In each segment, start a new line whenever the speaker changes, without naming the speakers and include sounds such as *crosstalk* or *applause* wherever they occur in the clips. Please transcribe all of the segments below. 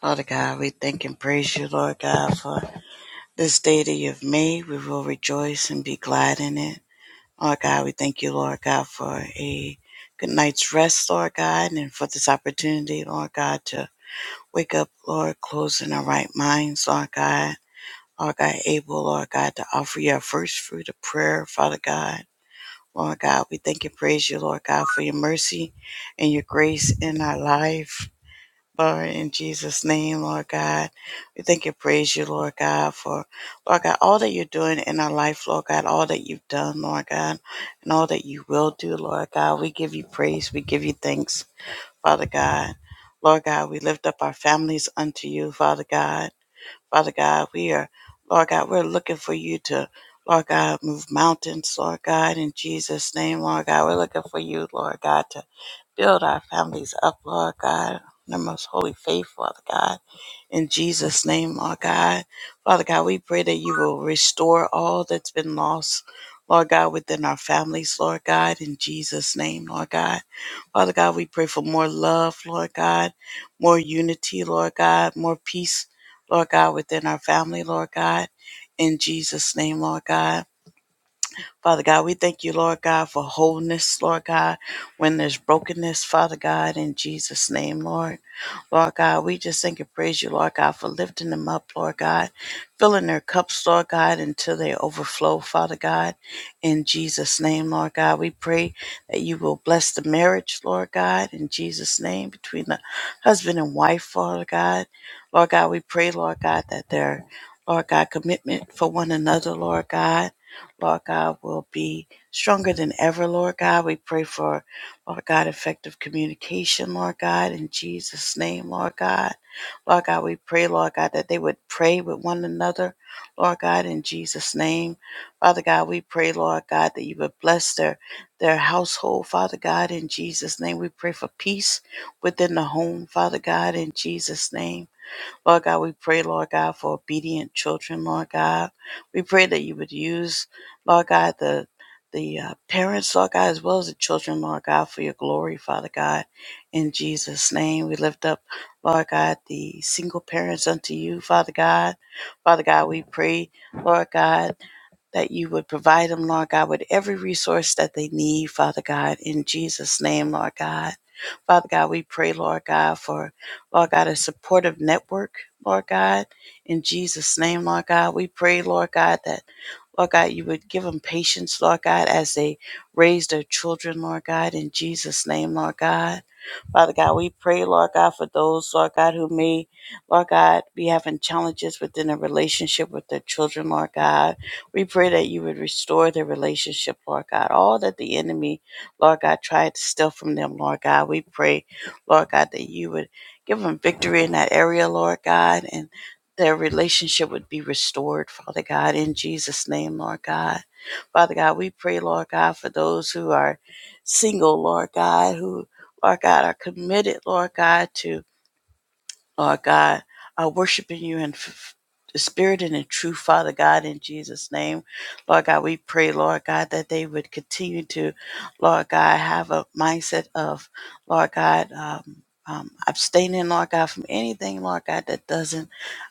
Father God, we thank and praise you, Lord God, for this day that you've made. We will rejoice and be glad in it. Lord God, we thank you, Lord God, for a good night's rest, Lord God, and for this opportunity, Lord God, to wake up, Lord, closing our right minds, Lord God. Lord God, able, Lord God, to offer your first fruit of prayer, Father God. Lord God, we thank and praise you, Lord God, for your mercy and your grace in our life. Lord, in Jesus' name, Lord God. We thank and praise you, Lord God, for, Lord God, all that you're doing in our life, Lord God, all that you've done, Lord God, and all that you will do, Lord God. We give you praise. We give you thanks, Father God. Lord God, we lift up our families unto you, Father God. Father God, we are, Lord God, we're looking for you to, Lord God, move mountains, Lord God, in Jesus' name, Lord God. We're looking for you, Lord God, to Build our families up, Lord God, in the most holy faith, Father God. In Jesus' name, Lord God. Father God, we pray that you will restore all that's been lost, Lord God, within our families, Lord God, in Jesus' name, Lord God. Father God, we pray for more love, Lord God, more unity, Lord God, more peace, Lord God, within our family, Lord God, in Jesus' name, Lord God. Father God, we thank you, Lord God, for wholeness, Lord God, when there's brokenness, Father God, in Jesus' name, Lord. Lord God, we just thank and praise you, Lord God, for lifting them up, Lord God, filling their cups, Lord God, until they overflow, Father God. In Jesus' name, Lord God, we pray that you will bless the marriage, Lord God, in Jesus' name, between the husband and wife, Father God. Lord God, we pray, Lord God, that their, Lord God, commitment for one another, Lord God, Lord God, will be stronger than ever, Lord God. We pray for Lord God, effective communication, Lord God, in Jesus' name, Lord God. Lord God, we pray, Lord God, that they would pray with one another, Lord God, in Jesus' name. Father God, we pray, Lord God, that you would bless their, their household, Father God, in Jesus' name. We pray for peace within the home, Father God, in Jesus' name. Lord God, we pray, Lord God, for obedient children, Lord God. We pray that you would use, Lord God, the the uh, parents, Lord God, as well as the children, Lord God, for your glory, Father God. In Jesus' name, we lift up, Lord God, the single parents unto you, Father God. Father God, we pray, Lord God that you would provide them, Lord God, with every resource that they need, Father God, in Jesus' name, Lord God. Father God, we pray, Lord God, for, Lord God, a supportive network, Lord God, in Jesus' name, Lord God. We pray, Lord God, that, Lord God, you would give them patience, Lord God, as they raise their children, Lord God, in Jesus' name, Lord God. Father God, we pray, Lord God, for those, Lord God, who may, Lord God, be having challenges within a relationship with their children, Lord God. We pray that you would restore their relationship, Lord God. All that the enemy, Lord God, tried to steal from them, Lord God. We pray, Lord God, that you would give them victory in that area, Lord God, and their relationship would be restored, Father God, in Jesus' name, Lord God. Father God, we pray, Lord God, for those who are single, Lord God, who Lord God, are committed, Lord God, to Lord God, uh, worshiping you in f- the spirit and in truth, Father God, in Jesus' name. Lord God, we pray, Lord God, that they would continue to, Lord God, have a mindset of, Lord God, um, um, abstaining, Lord God, from anything, Lord God, that doesn't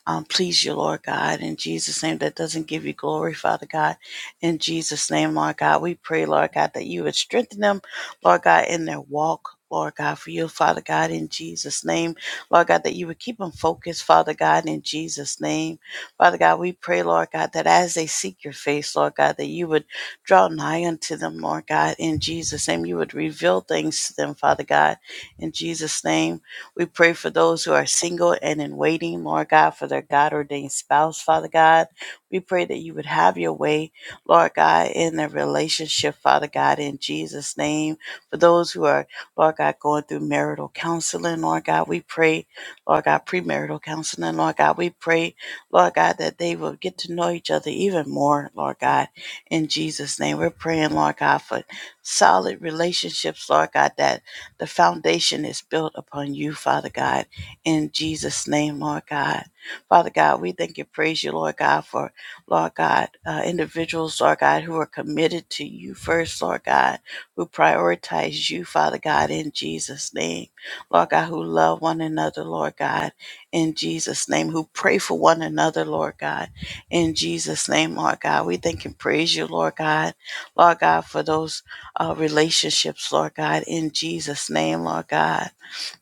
um, please you, Lord God, in Jesus' name, that doesn't give you glory, Father God, in Jesus' name, Lord God. We pray, Lord God, that you would strengthen them, Lord God, in their walk, Lord God, for you, Father God, in Jesus' name. Lord God, that you would keep them focused, Father God, in Jesus' name. Father God, we pray, Lord God, that as they seek your face, Lord God, that you would draw nigh unto them, Lord God, in Jesus' name. You would reveal things to them, Father God, in Jesus' name. We pray for those who are single and in waiting, Lord God, for their God ordained spouse, Father God. We pray that you would have your way, Lord God, in their relationship, Father God, in Jesus' name. For those who are Lord God, going through marital counseling. Lord God, we pray, Lord God, premarital counseling. Lord God, we pray, Lord God, that they will get to know each other even more, Lord God, in Jesus' name. We're praying, Lord God, for solid relationships, Lord God, that the foundation is built upon you, Father God, in Jesus' name, Lord God. Father God, we thank and praise you, Lord God, for Lord God, uh, individuals, Lord God, who are committed to you first, Lord God who prioritize you, Father God, in Jesus' name. Lord God, who love one another, Lord God, in Jesus' name, who pray for one another, Lord God, in Jesus' name, Lord God. We thank and praise you, Lord God. Lord God, for those uh, relationships, Lord God, in Jesus' name, Lord God.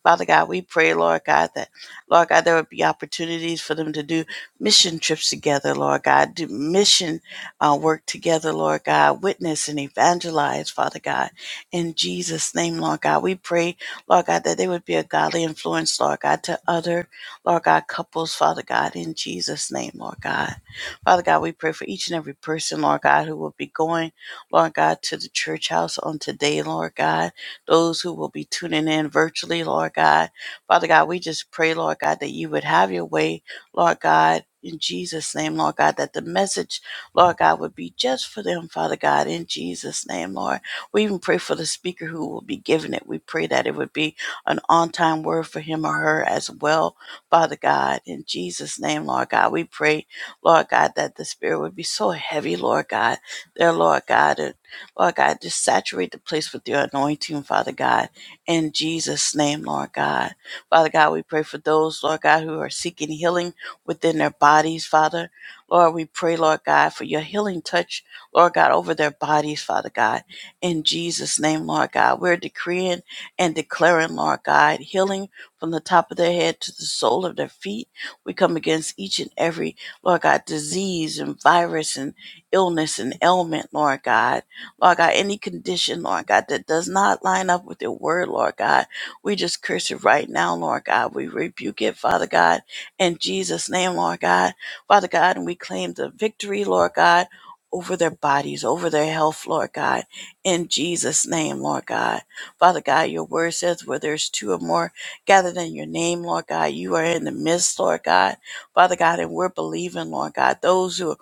Father God, we pray, Lord God, that, Lord God, there would be opportunities for them to do mission trips together, Lord God, do mission uh, work together, Lord God, witness and evangelize, Father God. In Jesus' name, Lord God, we pray, Lord God, that they would be a godly influence, Lord God, to other, Lord God, couples, Father God, in Jesus' name, Lord God. Father God, we pray for each and every person, Lord God, who will be going, Lord God, to the church house on today, Lord God those who will be tuning in virtually, Lord God. Father God, we just pray, Lord God, that you would have your way, Lord God. In Jesus' name, Lord God, that the message, Lord God, would be just for them, Father God, in Jesus' name, Lord. We even pray for the speaker who will be giving it. We pray that it would be an on time word for him or her as well, Father God, in Jesus' name, Lord God. We pray, Lord God, that the Spirit would be so heavy, Lord God, there, Lord God. Lord God, just saturate the place with your anointing, Father God, in Jesus' name, Lord God. Father God, we pray for those, Lord God, who are seeking healing within their bodies, Father. Lord, we pray, Lord God, for your healing touch, Lord God, over their bodies, Father God, in Jesus' name, Lord God. We're decreeing and declaring, Lord God, healing from the top of their head to the sole of their feet. We come against each and every, Lord God, disease and virus and illness and ailment, Lord God Lord God, any condition, Lord God, that does not line up with your word, Lord God, we just curse it right now, Lord God. We rebuke it, Father God, in Jesus' name, Lord God. Father God, and we claim the victory, Lord God, over their bodies, over their health, Lord God, in Jesus' name, Lord God. Father God, your word says where there's two or more gathered in your name, Lord God, you are in the midst, Lord God. Father God, and we're believing, Lord God, those who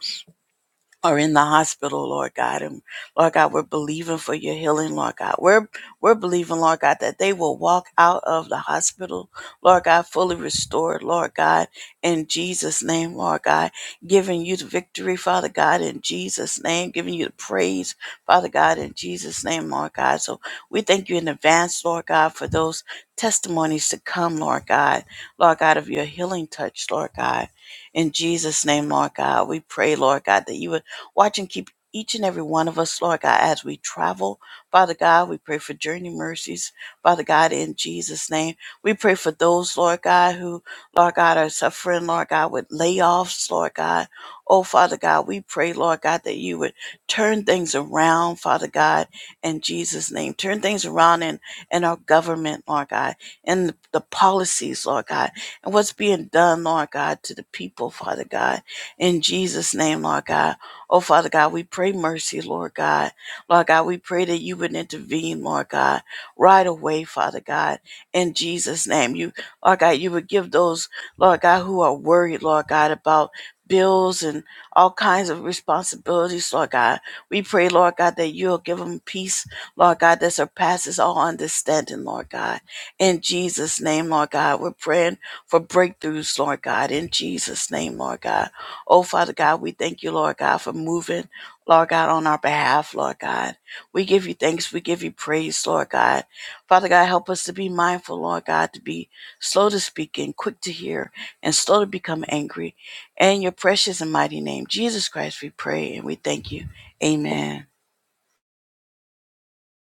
are in the hospital, Lord God. And Lord God, we're believing for your healing, Lord God. We're we're believing, Lord God, that they will walk out of the hospital, Lord God, fully restored, Lord God, in Jesus' name, Lord God, giving you the victory, Father God, in Jesus' name, giving you the praise, Father God, in Jesus' name, Lord God. So we thank you in advance, Lord God, for those testimonies to come, Lord God, Lord God, of your healing touch, Lord God. In Jesus' name, Lord God, we pray, Lord God, that you would Watch and keep each and every one of us, Lord God, as we travel. Father God, we pray for journey mercies. Father God, in Jesus' name, we pray for those, Lord God, who, Lord God, are suffering, Lord God, with layoffs, Lord God. Oh, Father God, we pray, Lord God, that you would turn things around, Father God, in Jesus' name. Turn things around in, in our government, Lord God, and the, the policies, Lord God, and what's being done, Lord God, to the people, Father God, in Jesus' name, Lord God. Oh, Father God, we pray mercy, Lord God. Lord God, we pray that you would intervene, Lord God, right away, Father God, in Jesus' name. You, Lord God, you would give those, Lord God, who are worried, Lord God, about bills and all kinds of responsibilities, Lord God. We pray, Lord God, that you'll give them peace, Lord God, that surpasses all understanding, Lord God. In Jesus' name, Lord God, we're praying for breakthroughs, Lord God, in Jesus' name, Lord God. Oh, Father God, we thank you, Lord God, for moving, Lord God, on our behalf, Lord God. We give you thanks. We give you praise, Lord God. Father God, help us to be mindful, Lord God, to be slow to speak and quick to hear and slow to become angry. In your precious and mighty name, Jesus Christ, we pray and we thank you. Amen.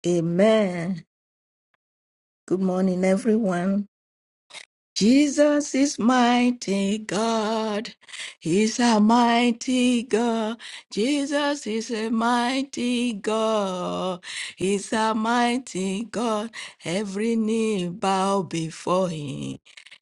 Amen. Good morning, everyone. Jesus is mighty God. He's a mighty God. Jesus is a mighty God. He's a mighty God. Every knee bow before him.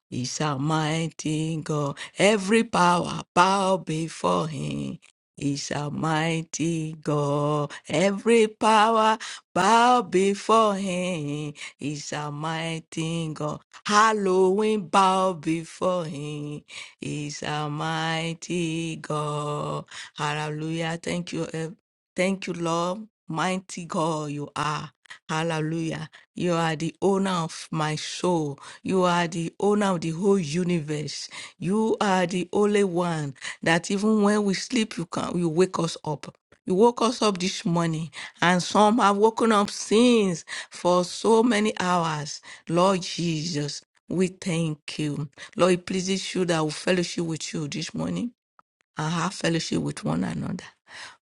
He's a mighty God. Every power bow before him. He's a mighty God. Every power bow before him. He's a mighty God. Halloween bow before him. He's a mighty God. Hallelujah. Thank you. eh, Thank you, Lord. Mighty God you are. Hallelujah. You are the owner of my soul. You are the owner of the whole universe. You are the only one that even when we sleep, you can you wake us up. You woke us up this morning, and some have woken up since for so many hours. Lord Jesus, we thank you. Lord, it pleases you that we fellowship with you this morning and have fellowship with one another.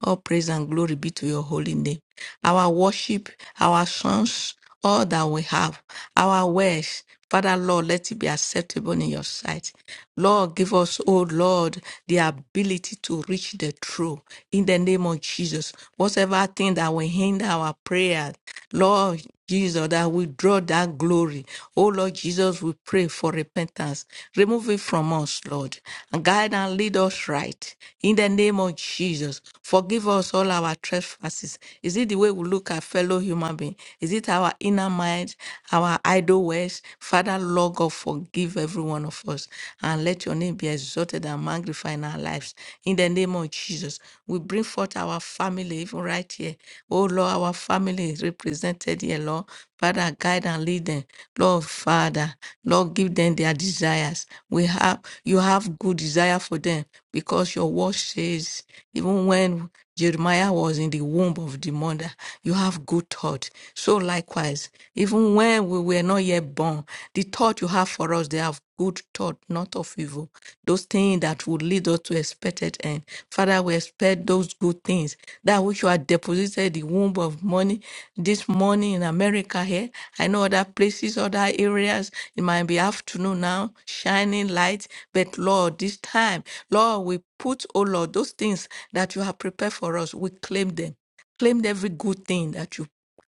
All praise and glory be to your holy name. Our worship, our songs, all that we have, our words, Father Lord, let it be acceptable in your sight. Lord, give us, oh Lord, the ability to reach the truth in the name of Jesus. Whatever thing that will hinder our prayer, Lord. Jesus, that withdraw that glory. Oh Lord Jesus, we pray for repentance. Remove it from us, Lord, and guide and lead us right. In the name of Jesus, forgive us all our trespasses. Is it the way we look at fellow human beings? Is it our inner mind, our idle ways? Father, Lord God, forgive every one of us, and let your name be exalted and magnified in our lives. In the name name of Jesus. We bring forth our family, even right here. Oh Lord, our family is represented here, Lord. Father, guide and lead them. Lord, Father, Lord, give them their desires. We have, you have good desire for them because your word says, even when Jeremiah was in the womb of the mother, you have good thought. So likewise, even when we were not yet born, the thought you have for us, they have good thought, not of evil. Those things that would lead us to expected end. Father, we expect those good things that which you have deposited the womb of money this morning in America here. I know other places, other areas. It might be afternoon now, shining light. But Lord, this time, Lord, we put, oh Lord, those things that you have prepared for us, we claim them claim every good thing that you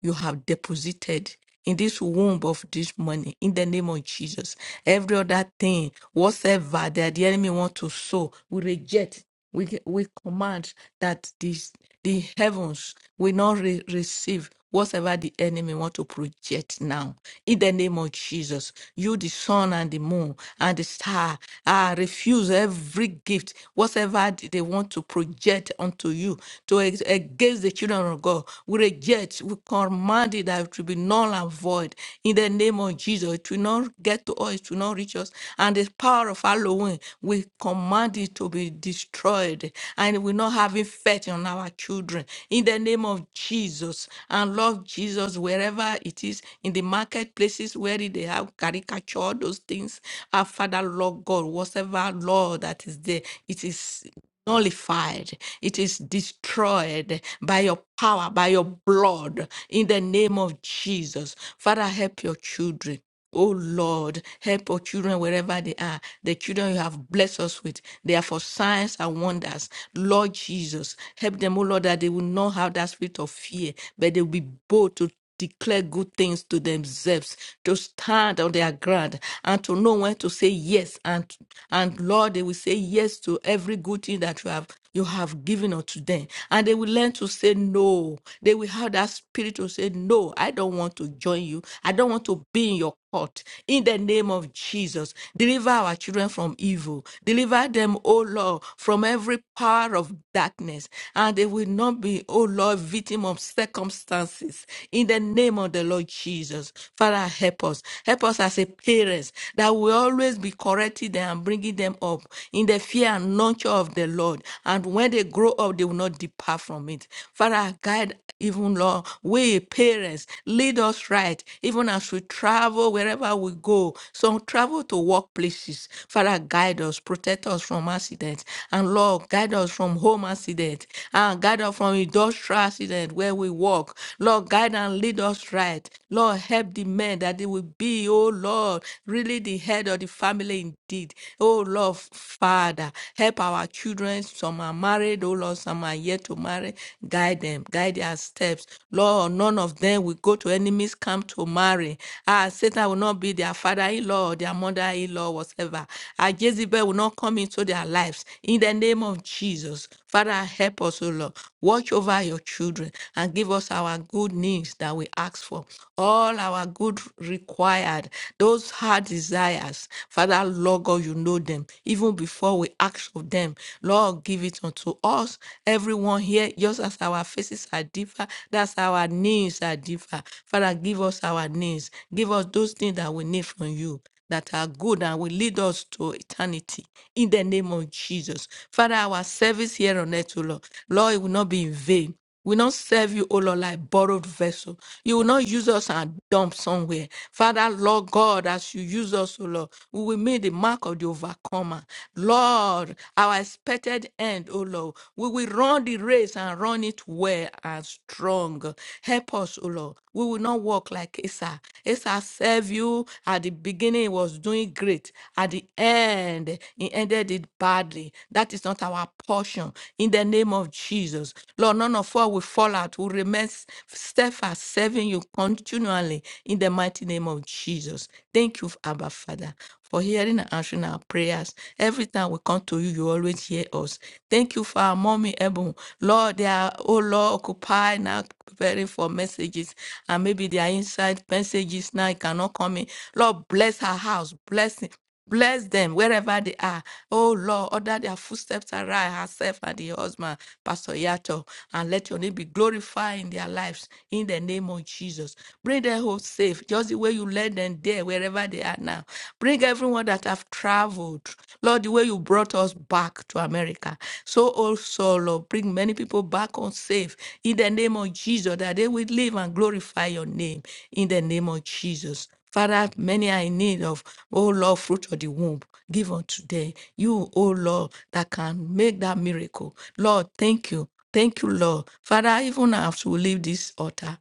you have deposited in this womb of this money in the name of Jesus. Every other thing, whatsoever that the enemy want to sow, we reject. We, we command that this, the heavens will not re- receive whatever the enemy want to project now. In the name of Jesus, you, the sun and the moon and the star, ah, refuse every gift, whatever they want to project unto you to ex- against the children of God evil, we reject, we command it that it will be null and void in the name of Jesus. It will not get to us, it will not reach us. And the power of Halloween, we command it to be destroyed and it will not have effect on our children in the name of Jesus. And Lord Jesus, wherever it is, in the marketplaces where they have caricature, those things, our Father, Lord God, whatever, Lord, that is there, it is nullified, it is destroyed by your power, by your blood, in the name of Jesus. Father, help your children. Oh Lord, help our children wherever they are. The children you have blessed us with, they are for signs and wonders. Lord Jesus, help them, oh Lord, that they will not have that spirit of fear, but they will be bold to declare good things to themselves, to stand on their ground, and to know when to say yes. And and Lord, they will say yes to every good thing that you have you have given unto them. And they will learn to say no. They will have that spirit to say, No, I don't want to join you. I don't want to be in your court. In the name of Jesus, deliver our children from evil. Deliver them, O Lord, from every power of darkness. And they will not be, O Lord, victim of circumstances. In the in the name of the Lord Jesus. Father, help us. Help us as a parents that we always be correcting them and bringing them up in the fear and nurture of the Lord. And when they grow up, they will not depart from it. Father, guide even Lord, we parents, lead us right, even as we travel wherever we go. Some travel to workplaces. Father, guide us, protect us from accidents. And Lord, guide us from home accident and guide us from industrial accident where we walk. Lord, guide and and lead us right. Lord, help the men that they will be, oh Lord, really the head of the family indeed. Oh Lord, Father, help our children. Some are married, oh Lord, some are yet to marry. Guide them, guide their steps. Lord, none of them will go to enemies' camp to marry. Ah, Satan will not be their father in law, their mother in law, whatever. Ah, Jezebel will not come into their lives. In the name of Jesus, Father, help us, oh Lord. Watch over your children and give us our good news that that we ask for, all our good required, those hard desires. Father, Lord God, you know them. Even before we ask of them, Lord, give it unto us. Everyone here, just as our faces are different, that's our needs are different. Father, give us our needs. Give us those things that we need from you that are good and will lead us to eternity in the name of Jesus. Father, our service here on earth, O Lord, Lord, it will not be in vain. We will not serve you, O Lord, like borrowed vessel. You will not use us and dump somewhere. Father, Lord God, as you use us, O Lord, we will make the mark of the overcomer. Lord, our expected end, O Lord, we will run the race and run it well and strong. Help us, O Lord. We will not walk like Asa. Asa served you at the beginning, he was doing great. At the end, he ended it badly. That is not our portion. In the name of Jesus, Lord, none of us will fall out. We remain s- steadfast, serving you continually. In the mighty name of Jesus, thank you, Abba Father, for hearing and answering our prayers. Every time we come to you, you always hear us. Thank you for our mommy, Ebon. Lord, they are, oh Lord, occupied now, preparing for messages, and maybe they are inside messages now. It cannot come in. Lord, bless her house. Bless Bless them wherever they are. Oh Lord, order their footsteps around herself and the husband, Pastor Yato, and let your name be glorified in their lives in the name of Jesus. Bring their home safe, just the way you led them there, wherever they are now. Bring everyone that have traveled, Lord, the way you brought us back to America. So also, Lord, bring many people back on safe in the name of Jesus, that they will live and glorify your name in the name of Jesus. Father, many are in need of, oh Lord, fruit of the womb. Give unto them. You, oh Lord, that can make that miracle. Lord, thank you. Thank you, Lord. Father, even as we leave this altar,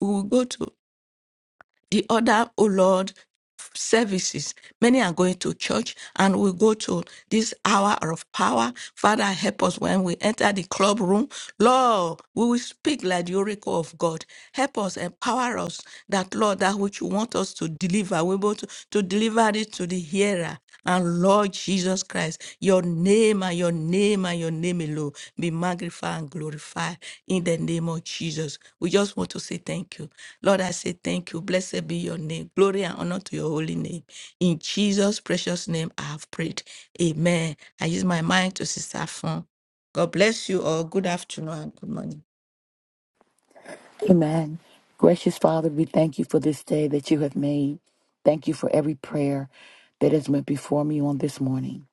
we will go to the other, oh Lord, services. Many are going to church and we go to this hour of power. Father, help us when we enter the club room. Lord, we will speak like the oracle of God. Help us, empower us that, Lord, that which you want us to deliver, we're able to, to deliver it to the hearer. And Lord Jesus Christ, your name and your name and your name alone be magnified and glorified in the name of Jesus. We just want to say thank you. Lord, I say thank you. Blessed be your name. Glory and honor to your holy name. In Jesus' precious name, I have prayed. Amen. I use my mind to Sister Fun. God bless you all. Good afternoon and good morning.
Amen. Gracious Father, we thank you for this day that you have made. Thank you for every prayer that has went before me on this morning.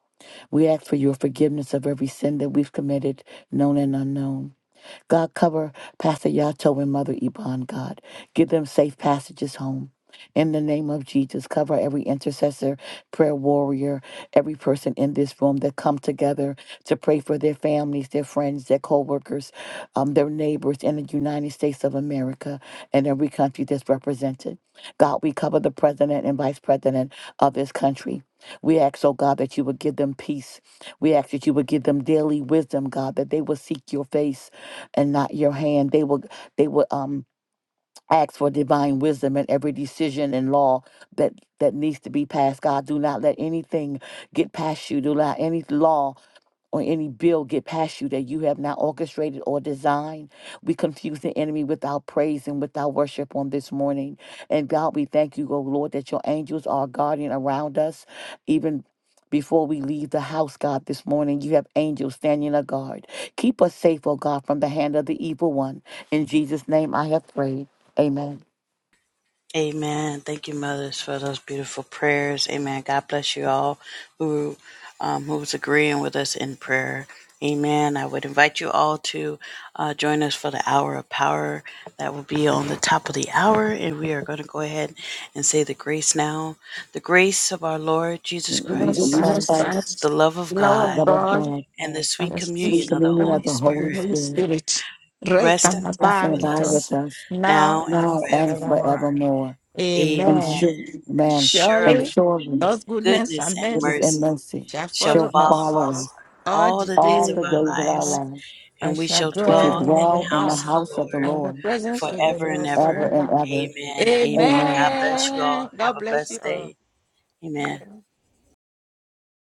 We ask for your forgiveness of every sin that we've committed, known and unknown. God, cover Pastor Yato and Mother Iban, God. Give them safe passages home. In the name of Jesus, cover every intercessor, prayer warrior, every person in this room that come together to pray for their families, their friends, their co-workers, um, their neighbors in the United States of America and every country that's represented. God, we cover the president and vice president of this country. We ask, oh God, that you would give them peace. We ask that you would give them daily wisdom, God, that they will seek your face and not your hand. They will they will um ask for divine wisdom in every decision and law that that needs to be passed. God, do not let anything get past you. Do not let any law or any bill get past you that you have not orchestrated or designed. We confuse the enemy with our praise and with our worship on this morning. And God, we thank you, oh Lord, that your angels are guardian around us, even before we leave the house, God, this morning, you have angels standing a guard. Keep us safe, oh God, from the hand of the evil one. In Jesus' name I have prayed. Amen.
Amen. Thank you, mothers, for those beautiful prayers. Amen. God bless you all who um, who's agreeing with us in prayer. Amen. I would invite you all to uh, join us for the hour of power that will be on the top of the hour, and we are going to go ahead and say the grace now. The grace of our Lord Jesus
In
Christ,
Jesus
Jesus
Jesus
Christ,
Christ,
Christ,
the love of
the love
God,
of
love of
God.
God,
and the
and
sweet
the
sweet
sweet
communion of the
communion of
Holy
the
fellowship of the
Holy
Spirit
Holy
Spirit,
Spirit rest
rest and
and
rest
abide
and
abide
with
with
abide
us
us
with us
now
now and
and
now and
forevermore.
forevermore.
forevermore. and
Amen.
Amen.
should man and
Surely.
Surely
children,
God's goodness
Goodness
and
and
goodness
mercy
and
mercy
mercy
shall
shall
follow
shall
follow
us
follow
us
us
all
all
the
the days
all
of
days
the
our
of
days of
our
our
lives,
lives
lives.
and
and we
shall
shall
We shall
dwell
dwell in
in the
the
dwell in the
house of
house
the
house of the
Lord
and the
Lord
presence of the
forever and
Lord
ever
ever.
and
forever.
ever.
Amen. Amen.
Amen.
God bless you
Amen.
all. Have
God
a
bless
blessed
you all.
day. Amen.
*laughs*